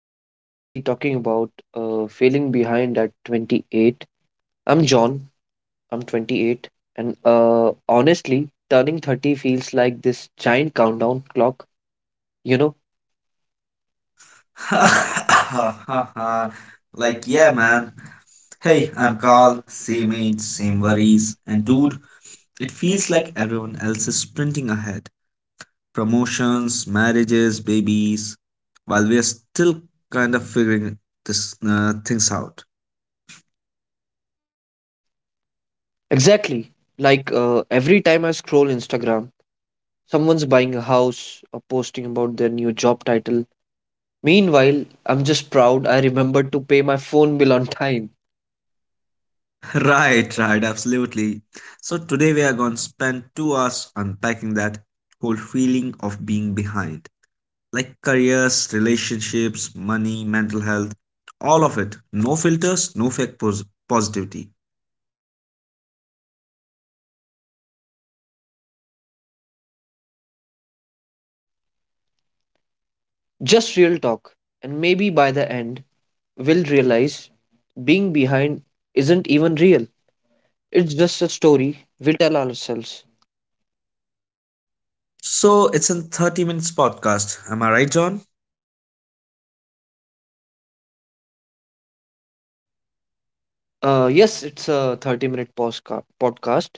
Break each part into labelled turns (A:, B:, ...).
A: Today we'll be talking about feeling behind at 28. I'm John, I'm 28, and honestly, turning 30 feels like this giant countdown clock, you know?
B: Like, yeah, man. Hey, I'm Carl, same age, same worries, and dude, it feels like everyone else is sprinting ahead. Promotions, marriages, babies, while we are still kind of figuring this things out.
A: Exactly. Like every time I scroll Instagram, someone's buying a house or posting about their new job title. Meanwhile, I'm just proud I remembered to pay my phone bill on time.
B: Right, right, absolutely. So today we are going to spend 2 hours unpacking that whole feeling of being behind, like careers, relationships, money, mental health, all of it. No filters, no fake positivity.
A: Just real talk, and maybe by the end, we'll realize being behind isn't even real. It's just a story we tell ourselves.
B: So it's a 30 minutes podcast. Am I right, John?
A: Yes, it's a 30 minute podcast.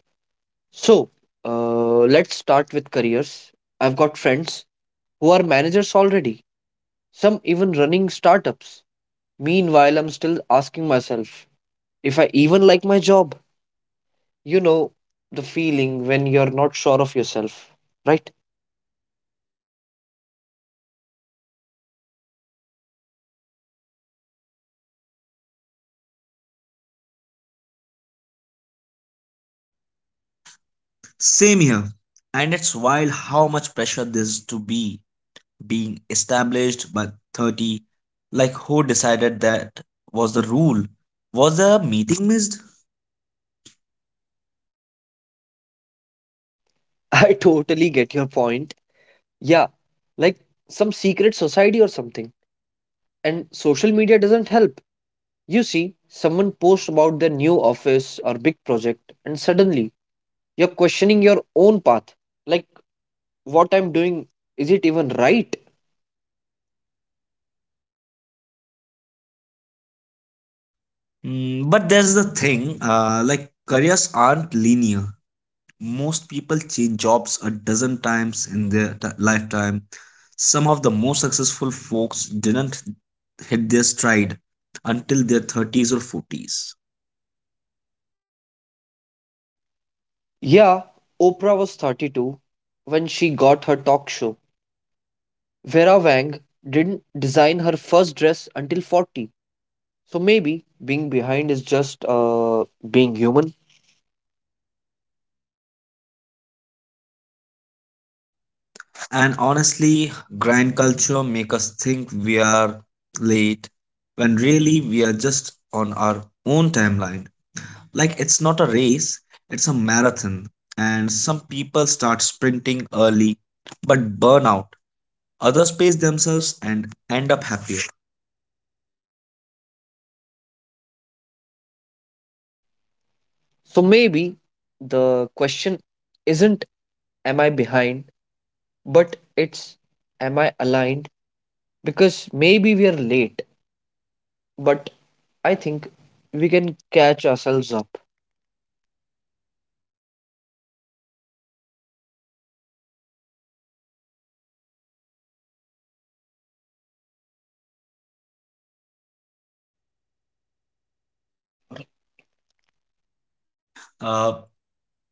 A: So, let's start with careers. I've got friends who are managers already, some even running startups. Meanwhile, I'm still asking myself if I even like my job. You know, the feeling when you're not sure of yourself, right?
B: Same here. And it's wild how much pressure this is to be being established by 30. Like who decided that was the rule? Was the meeting missed?
A: I totally get your point. Yeah, like some secret society or something. And social media doesn't help. You see, someone posts about their new office or big project, and suddenly you're questioning your own path. Like, what I'm doing, is it even right?
B: But there's the thing, like careers aren't linear. Most people change jobs a dozen times in their lifetime. Some of the most successful folks didn't hit their stride until their 30s or 40s.
A: Yeah, Oprah was 32 when she got her talk show. Vera Wang didn't design her first dress until 40. So maybe being behind is just being human.
B: And honestly, grind culture make us think we are late when really we are just on our own timeline. Like it's not a race, it's a marathon. And some people start sprinting early but burn out. Others pace themselves and end up happier.
A: So maybe the question isn't, am I behind? But it's, am I aligned? Because maybe we are late, but I think we can catch ourselves up.
B: Uh,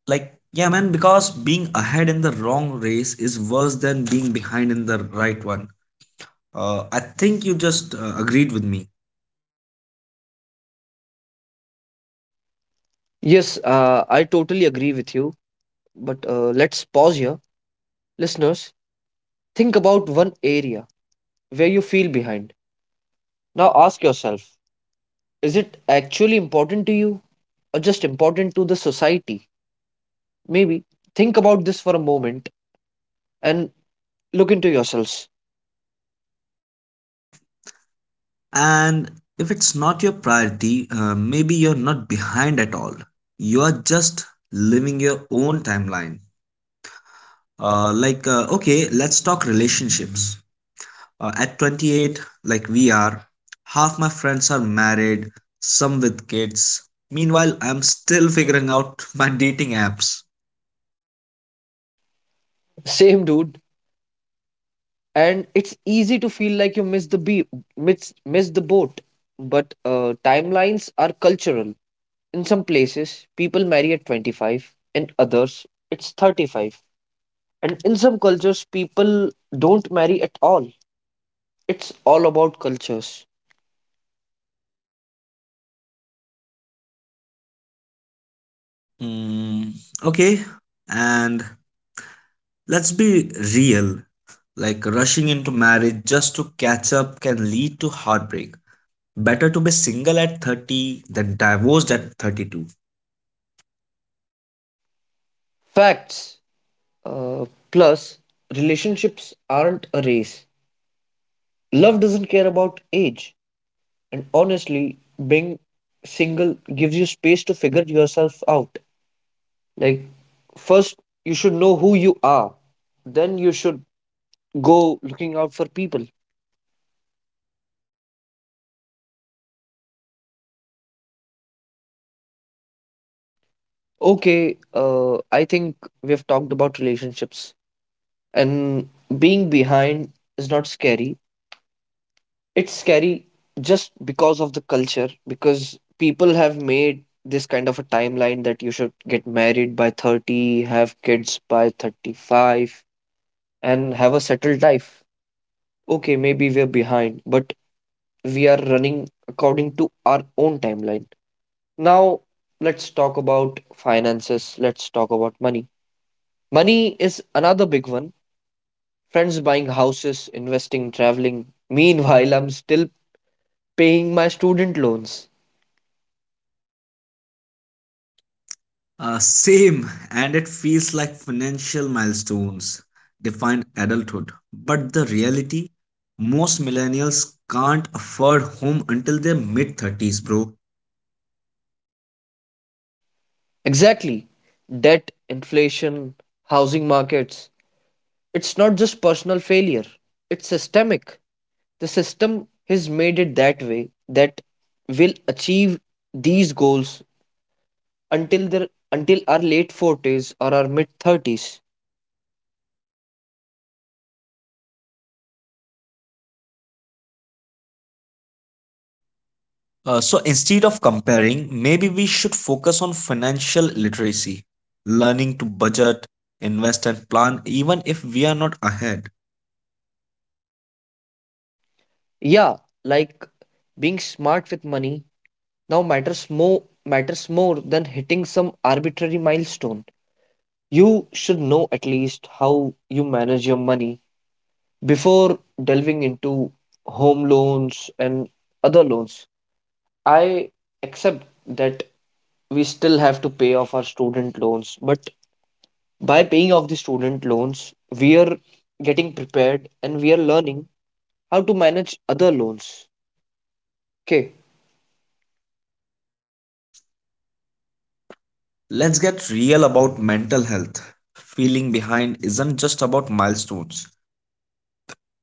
B: like, yeah, man, because being ahead in the wrong race is worse than being behind in the right one. I think you just agreed with me.
A: Yes, I totally agree with you, but let's pause here. Listeners, think about one area where you feel behind. Now ask yourself, is it actually important to you or just important to the society? Maybe think about this for a moment and look into yourselves.
B: And if it's not your priority, maybe you're not behind at all. You're just living your own timeline. Okay, let's talk relationships. At 28, like, we are half my friends are married, some with kids. Meanwhile, I'm still figuring out my dating apps.
A: Same dude. And it's easy to feel like you miss the boat, but timelines are cultural. In some places, people marry at 25, in others, it's 35. And in some cultures, people don't marry at all. It's all about cultures.
B: Mm, okay, and let's be real. Like rushing into marriage just to catch up can lead to heartbreak. Better to be single at 30 than divorced at 32.
A: Facts. Uh, Plus, relationships aren't a race. Love doesn't care about age. And honestly, being single gives you space to figure yourself out. Like, first, you should know who you are, then, you should go looking out for people. Okay, I think we have talked about relationships, and being behind is not scary. It's scary just because of the culture, because people have made this kind of a timeline that you should get married by 30, have kids by 35, and have a settled life. Okay, maybe we're behind, but we are running according to our own timeline. Now, let's talk about finances, let's talk about money. Money is another big one. Friends buying houses, investing, traveling. Meanwhile, I'm still paying my student loans.
B: Same, and it feels like financial milestones define adulthood. But the reality, most millennials can't afford home until their mid 30s, bro.
A: Exactly. Debt, inflation, housing markets. It's not just personal failure, it's systemic. The system has made it that way, that will achieve these goals until our late 40s or our mid 30s.
B: So instead of comparing, maybe we should focus on financial literacy, learning to budget, invest, and plan, even if we are not ahead.
A: Yeah, like being smart with money now matters more than hitting some arbitrary milestone. You should know at least how you manage your money before delving into home loans and other loans. I accept that we still have to pay off our student loans, but by paying off the student loans, we are getting prepared and we are learning how to manage other loans. Okay.
B: Let's get real about mental health. Feeling behind isn't just about milestones,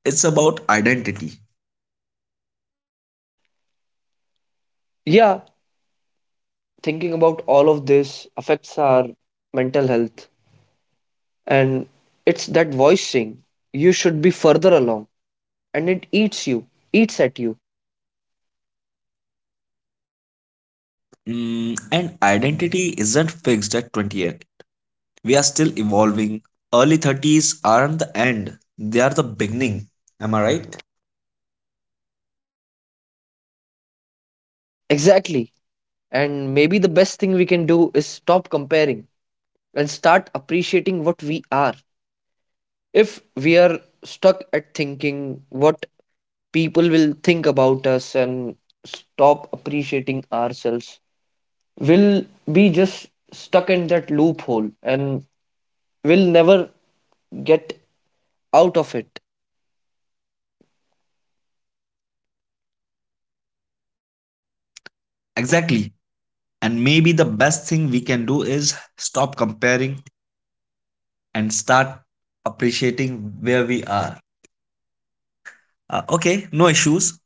B: it's about identity.
A: Yeah, thinking about all of this affects our mental health, and it's that voice saying you should be further along and it eats at you.
B: And identity isn't fixed at 28. We are still evolving. Early 30s aren't the end, they are the beginning. Am I right?
A: Exactly. And maybe the best thing we can do is stop comparing and start appreciating what we are. If we are stuck at thinking what people will think about us and stop appreciating ourselves, we'll be just stuck in that loophole and we'll never get out of it.
B: Exactly. And maybe the best thing we can do is stop comparing and start appreciating where we are. Okay, no issues.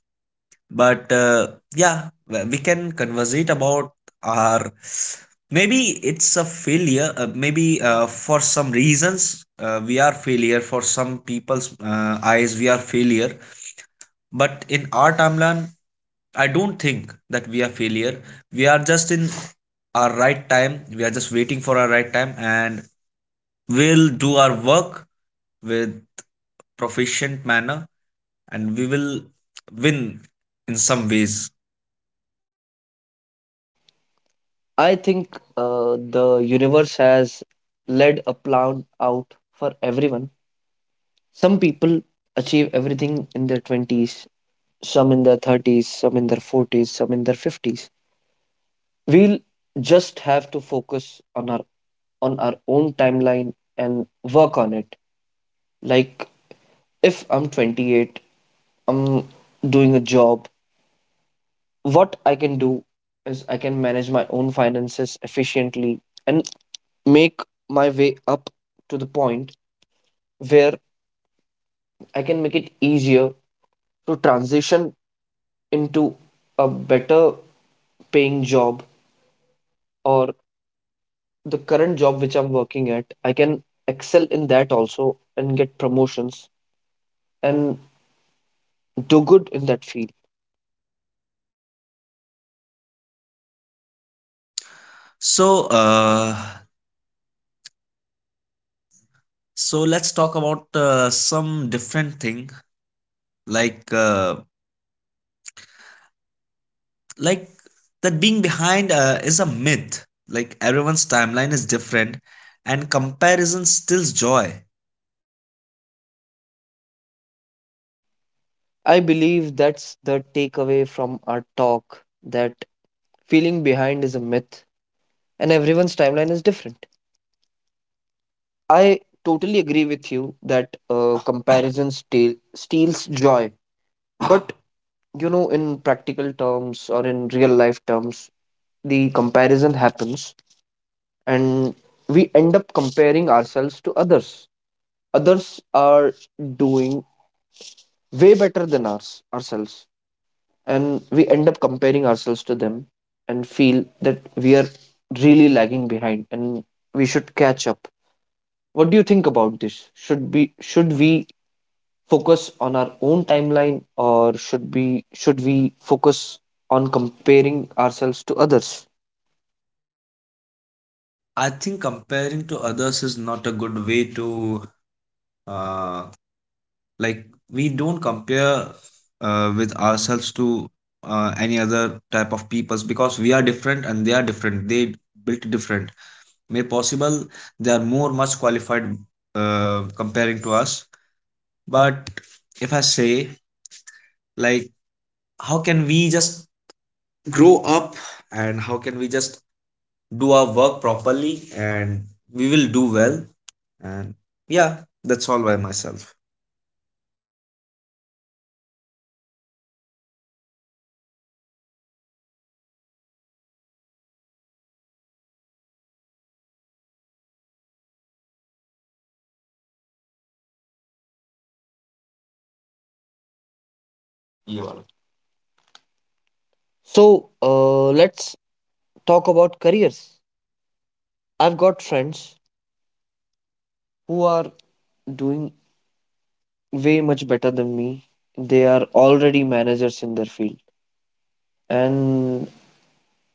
B: But yeah, we can conversate about our. Maybe it's a failure. Maybe for some reasons we are failure. For some people's eyes, we are failure. But in our timeline, I don't think that we are failure. We are just in our right time. We are just waiting for our right time, and we'll do our work with proficient manner, and we will win in some ways.
A: I think the universe has led a plan out for everyone. Some people achieve everything in their 20s, some in their 30s, some in their 40s, some in their 50s. We'll just have to focus on our own timeline and work on it. Like if I'm 28, I'm doing a job, what I can do is I can manage my own finances efficiently and make my way up to the point where I can make it easier to transition into a better paying job, or the current job which I'm working at, I can excel in that also and get promotions and do good in that field.
B: So, uh, so, let's talk about some different thing, like uh, like that being behind is a myth. Like everyone's timeline is different, and comparison steals joy.
A: I believe that's the takeaway from our talk, that feeling behind is a myth and everyone's timeline is different. I totally agree with you that comparison steals joy. But you know, in practical terms or in real life terms, the comparison happens and we end up comparing ourselves to others. Others are doing way better than ourselves, and we end up comparing ourselves to them and feel that we are really lagging behind and we should catch up. What do you think about this? Should we focus on our own timeline, or should we focus on comparing ourselves to others?
B: I think comparing to others is not a good way to. uh, like, we don't compare with ourselves to any other type of peoples, because we are different and they are different. They built different. May possible they are more much qualified comparing to us. But if I say, like, how can we just grow up, and how can we just do our work properly, and we will do well. And yeah, that's all by myself.
A: So, let's talk about careers. I've got friends who are doing way much better than me. They are already managers in their field. And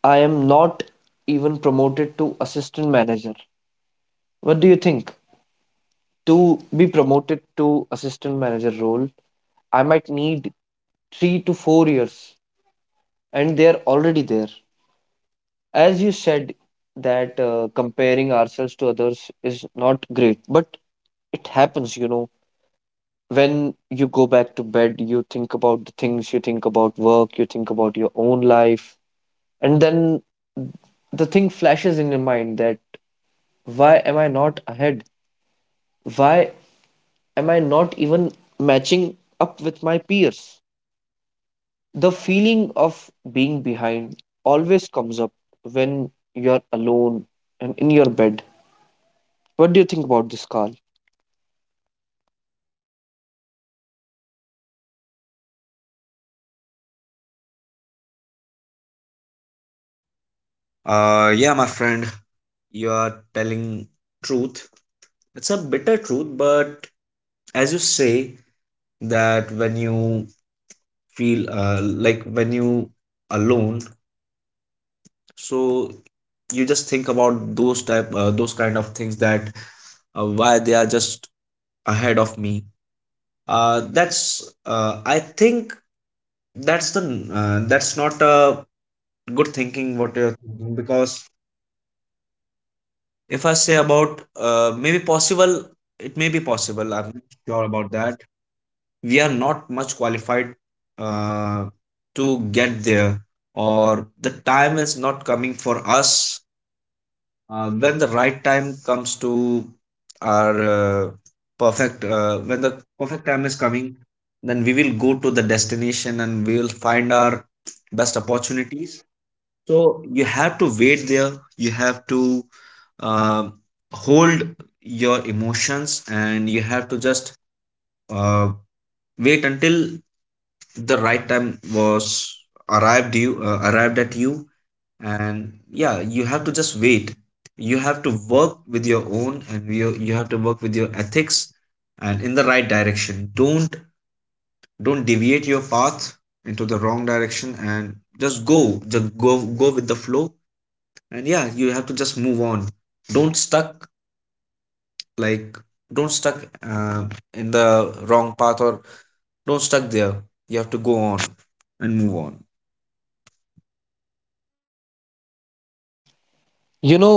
A: I am not even promoted to assistant manager. What do you think? To be promoted to assistant manager role, I might need 3 to 4 years, and they are already there. As you said, that comparing ourselves to others is not great, but it happens. When you go back to bed, you think about the things, you think about work, you think about your own life, and then the thing flashes in your mind that, why am I not ahead? Why am I not even matching up with my peers? The feeling of being behind always comes up when you're alone and in your bed. What do you think about this, Carl?
B: Yeah, my friend, you are telling truth. It's a bitter truth, but as you say, that when you feel like when you alone, so you just think about those kind of things, that why they are just ahead of me. That's I think that's the that's not a good thinking what you're thinking, because if I say about maybe possible, it may be possible. I'm not sure about that. We are not much qualified uh, to get there, or the time is not coming for us. When the right time comes to our perfect when the perfect time is coming, then we will go to the destination and we will find our best opportunities. So you have to wait there. You have to uh, hold your emotions, and you have to just uh, wait until the right time was arrived at you. And yeah, you have to just wait. You have to work with your own, and you have to work with your ethics and in the right direction. Don't deviate your path into the wrong direction, and just go go with the flow. And yeah, you have to just move on. Don't stuck like don't stuck uh, in the wrong path, or don't stuck there. You have to go on and move
A: You know,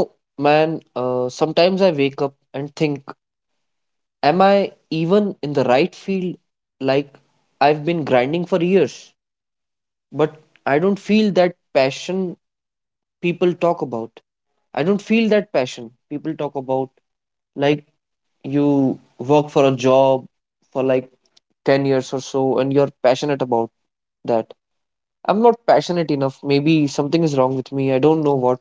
A: man, sometimes I wake up and think, am I even in the right field? Like, I've been grinding for years, but I don't feel that passion people talk about. I don't feel that passion people talk about. Like, you work for a job for like 10 years or so and you're passionate about that. I'm not passionate enough. Maybe something is wrong with me. I don't know what.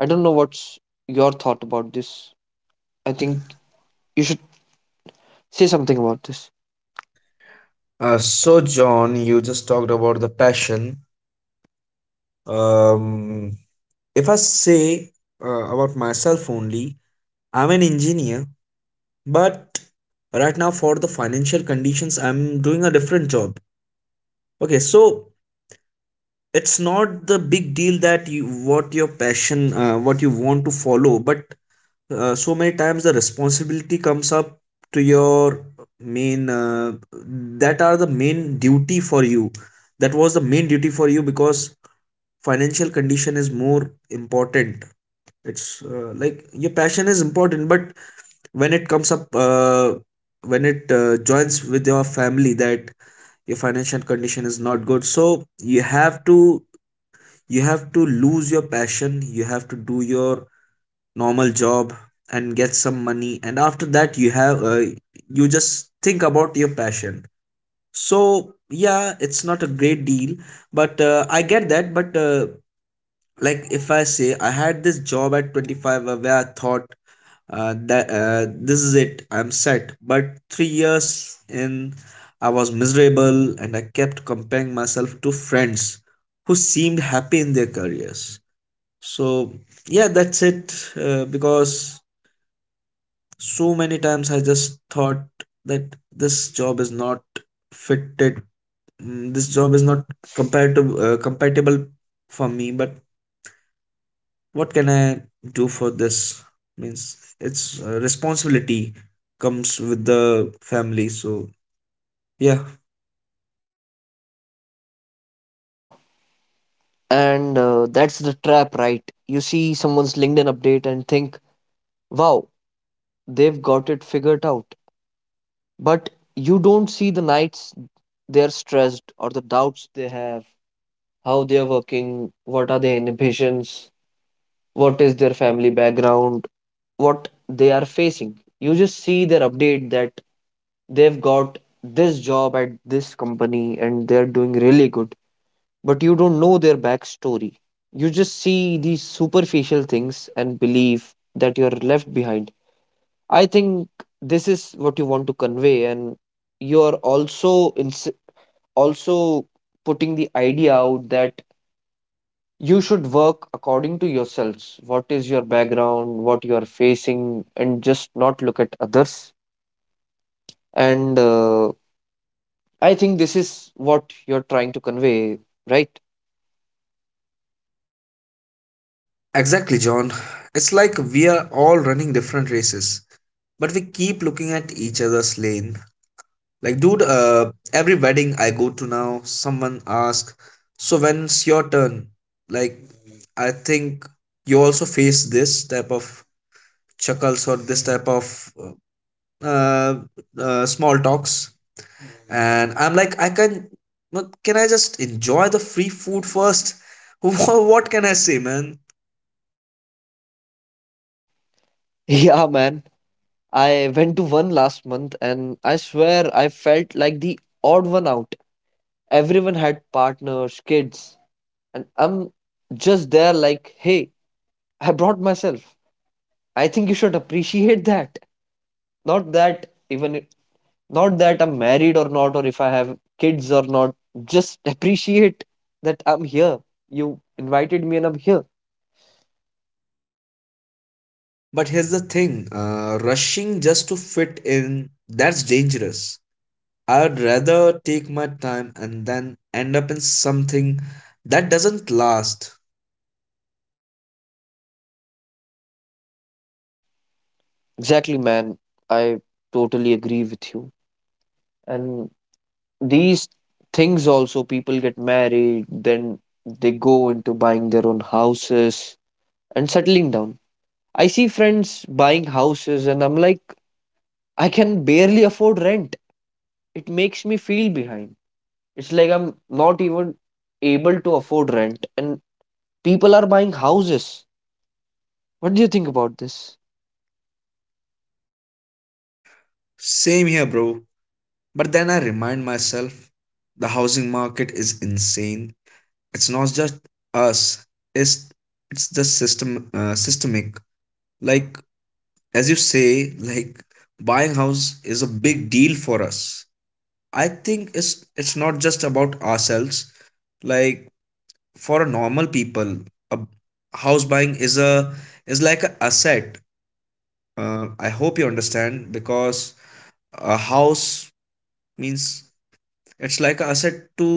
A: I don't know what's your thought about this. I think
B: on.
A: you should say something about this.
B: So, John, you just talked about the passion. Um, if I say about myself only, I'm an engineer, but right now, for the financial conditions, I'm doing a different job. Okay, so it's not the big deal that you what your passion, what you want to follow, but so many times the responsibility comes up to your main, that are the main duty for you that was the main duty for you, because financial condition is more important. It's like your passion is important, but when it comes up uh, when it joins with your family, that your financial condition is not good, so you have to lose your passion. You have to do your normal job and get some money, and after that, you just think about your passion. So yeah, it's not a great deal. But I get that. But like, if I say, I had this job at 25 where I thought that this is it, I'm set. But 3 years in, I was miserable, and I kept comparing myself to friends who seemed happy in their careers. So yeah, that's it. Because so many times I just thought that this job is not fitted. This job is not compatible to compatible for me. But what can I do for this? Means it's responsibility comes with the family. So yeah.
A: And that's the trap, right? You see someone's LinkedIn update and think, wow, they've got it figured out. But you don't see the nights they're stressed or the doubts they have, how they're working, what are their inhibitions, what is their family background, what they are facing. You just see their update that they've got this job at this company and they're doing really good, but you don't know their backstory. You just see these superficial things and believe that you're left behind. I think this is what you want to convey, and you're also insisting, also putting the idea out that you should work according to yourselves. What is your background, what you are facing, and just not look at others. And I think this is what you're trying to convey, right?
B: Exactly, John. It's like we are all running different races, but we keep looking at each other's lane. Like, dude, every wedding I go to now, someone asks, so when's your turn? Like, I think you also face this type of chuckles, or this type of uh, small talks. And I'm like, I can but can I just enjoy the free food first? What can I say, man?
A: Yeah, man. I went to one last month and I swear I felt like the odd one out. Everyone had partners, kids, and I'm just there like, hey, I brought myself. I think you should appreciate that. not that even not that I'm married or not, or if I have kids or not. Just appreciate that I'm here. You invited me and I'm here.
B: But here's the thing, rushing just to fit in, that's dangerous. I'd rather take my time and then end up in something that doesn't last.
A: Exactly, man. I totally agree with you. And these things also, people get married, then they go into buying their own houses and settling down. I see friends buying houses and I'm like, I can barely afford rent. It makes me feel behind. It's like I'm not even able to afford rent, and people are buying houses. What do you think about this?
B: Same here, bro. But then I remind myself the housing market is insane. It's not just us. It's it's just systemic. Like, as you say, like, buying house is a big deal for us. I think it's not just about ourselves. Like, for a normal people, a house buying is like an asset. I hope you understand, because a house means it's like an asset to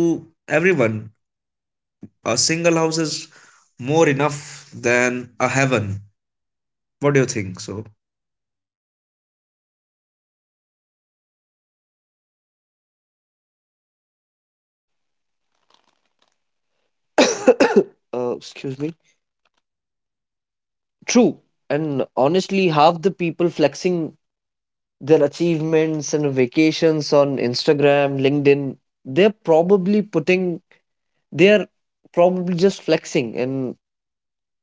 B: everyone. A single house is more enough than a heaven. What do you think, so?
A: Excuse me. True. And honestly, half the people flexing their achievements and vacations on Instagram, LinkedIn, they're probably putting, they're probably just flexing, and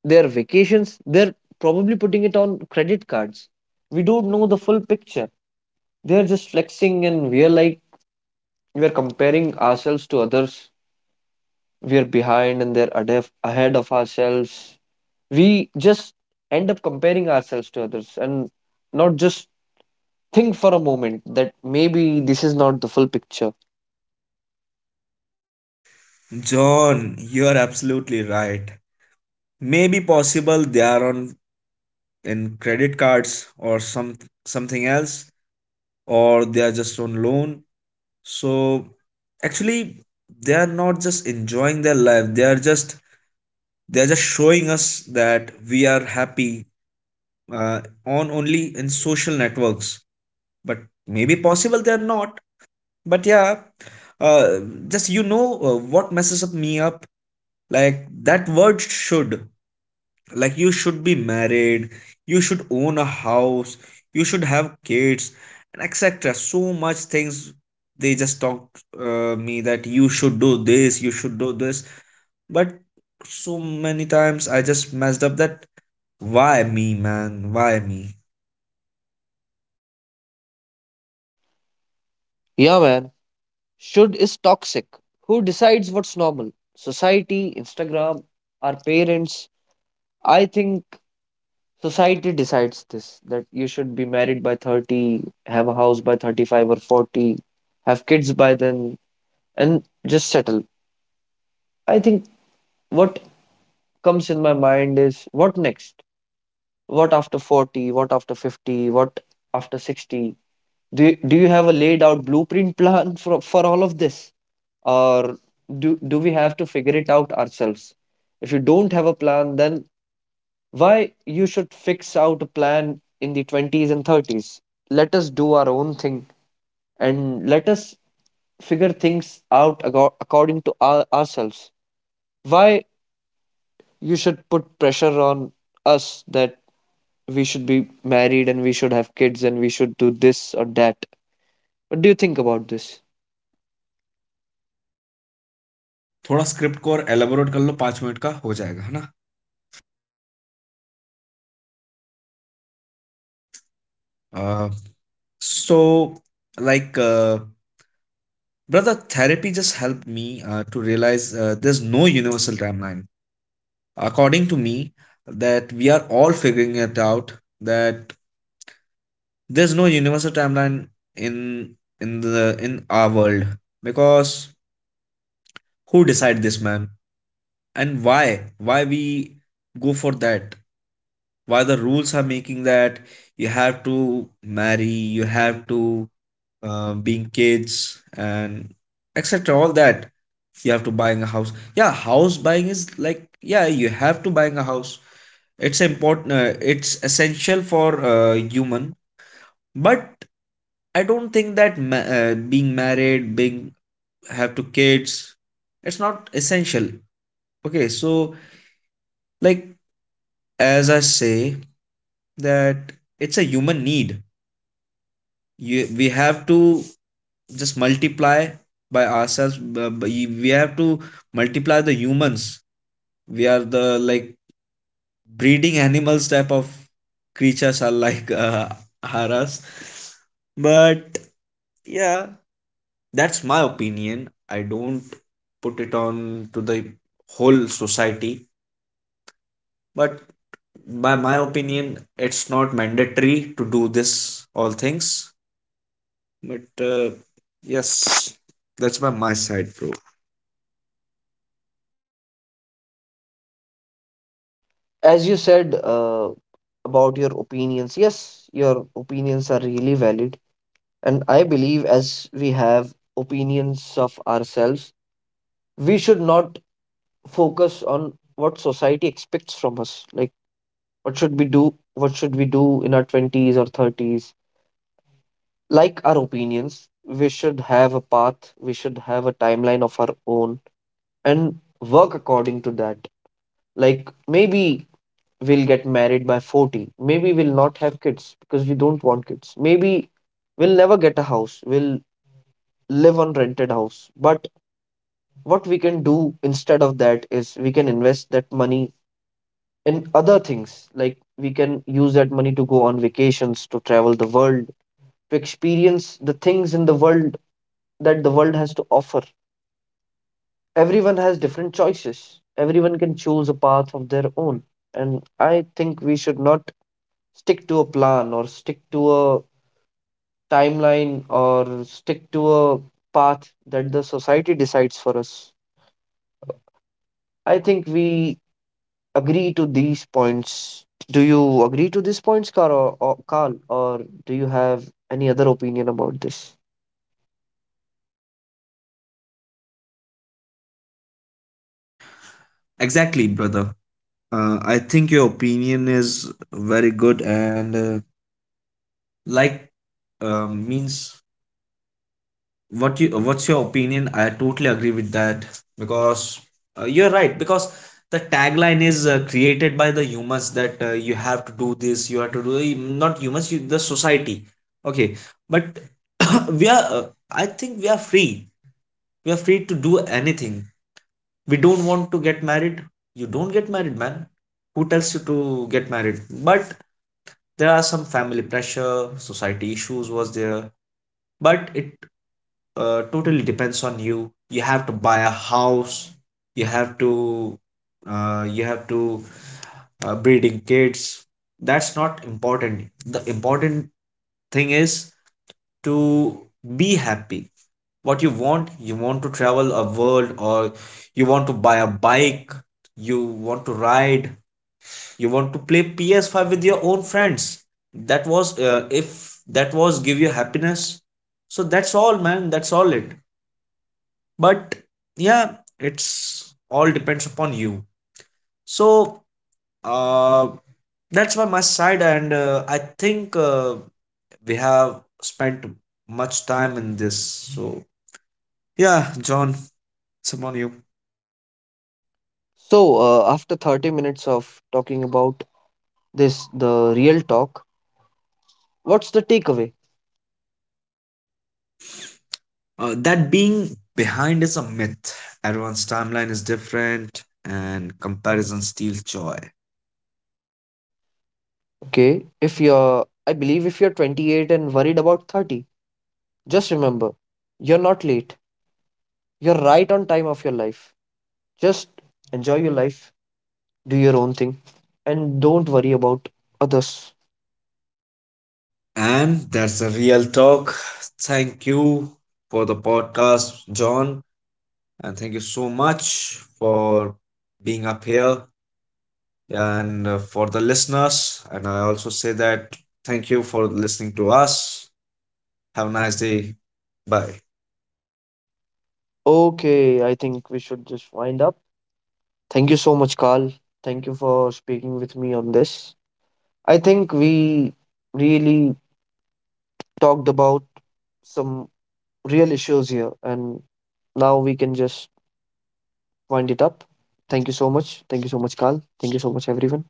A: their vacations, they're probably putting it on credit cards. We don't know the full picture. They're just flexing, and we're like, we're comparing ourselves to others. We are behind and they're ahead of ourselves. We just end up comparing ourselves to others and not just think for a moment that maybe this is not the full picture.
B: John, you're absolutely right. Maybe possible they are on in credit cards or something else, or they are just on loan. So actually they are not just enjoying their life. They are just showing us that we are happy, uh, on only in social networks. But maybe possible they are not. But yeah, uh, just, you know, what messes up me up. Like, that word should. Like, you should be married, you should own a house, you should have kids, and etc, so much things. They just talk, me that you should do this, but so many times I just messed up that, why me, man, why me?
A: Yeah, man. Should is toxic. Who decides what's normal? Society, Instagram, our parents. I think society decides this, that you should be married by 30, have a house by 35 or 40, have kids by then, and just settle. I think what comes in my mind is, what next? What after 40? What after 50? What after 60? Do you have a laid out blueprint plan for all of this? Or do we have to figure it out ourselves? If you don't have a plan, then why you should fix out a plan in the 20s and 30s? Let us do our own thing and let us figure things out according to ourselves. Why you should put pressure on us that we should be married and we should have kids and we should do this or that. What do you think about this?
B: थोड़ा script को और elaborate कर लो पाँच minute का हो जाएगा है ना. Uh, so like uh, brother, therapy just helped me to realize there's no universal timeline, according to me, that we are all figuring it out, that there's no universal timeline in in our world. Because who decide this, man? And why we go for that? Why the rules are making that you have to marry, you have to being kids, and etc, all that. You have to buying a house. Yeah, house buying is like, yeah, you have to buying a house. It's important. It's essential for human. But I don't think that being married, being have two kids, it's not essential. Okay, so like, as I say, that it's a human need. We have to just multiply by ourselves. We have to multiply the humans. We are the, like, breeding animals type of creatures, are like, are us. But yeah, that's my opinion. I don't put it on to the whole society, but by my opinion, it's not mandatory to do this all things. But yes, that's by my side, bro.
A: As you said about your opinions, yes, your opinions are really valid. And I believe as we have opinions of ourselves, we should not focus on what society expects from us. Like, what should we do? What should we do in our 20s or 30s? Like our opinions, we should have a path, we should have a timeline of our own, and work according to that. Like maybe we'll get married by 40. Maybe we'll not have kids because we don't want kids. Maybe we'll never get a house. We'll live on rented house. But what we can do instead of that is we can invest that money in other things. Like we can use that money to go on vacations, to travel the world, to experience the things in the world that the world has to offer. Everyone has different choices. Everyone can choose a path of their own. And I think we should not stick to a plan or stick to a timeline or stick to a path that the society decides for us. I think we agree to these points. Do you agree to these points, Carl, or do you have any other opinion about this?
B: Exactly, brother. I think your opinion is very good, and like means what you what's your opinion, I totally agree with that. Because you're right, because the tagline is created by the humans, that you have to do this, you have to do. Not humans, the society. Okay. But we are I think we are free. We are free to do anything. We don't want to get married. You don't get married, man. Who tells you to get married? But there are some family pressure, society issues was there. But it totally depends on you. You have to buy a house. you have to you have to breeding kids. That's not important. The important thing is to be happy. What you want, you want to travel a world, or you want to buy a bike, you want to ride, you want to play PS5 with your own friends. That was if that was give you happiness. So that's all, man. That's all it. But yeah, it's all depends upon you. So uh that's why my side. And I think, we have spent much time in this. So yeah, John, it's upon you.
A: So, after 30 minutes of talking about this, the real talk, what's the takeaway?
B: That being behind is a myth. Everyone's timeline is different, and comparison steals joy.
A: Okay, if you're, I believe if you're 28 and worried about 30, just remember, you're not late. You're right on time of your life. Just enjoy your life, do your own thing, and don't worry about others.
B: And that's a real talk. Thank you for the podcast, John. And thank you so much for being up here, and for the listeners. And I also say that thank you for listening to us. Have a nice day. Bye.
A: Okay, I think we should just wind up. Thank you so much, Carl. Thank you for speaking with me on this. I think we really talked about some real issues here, and now we can just wind it up. Thank you so much. Thank you so much, Carl. Thank you so much, everyone.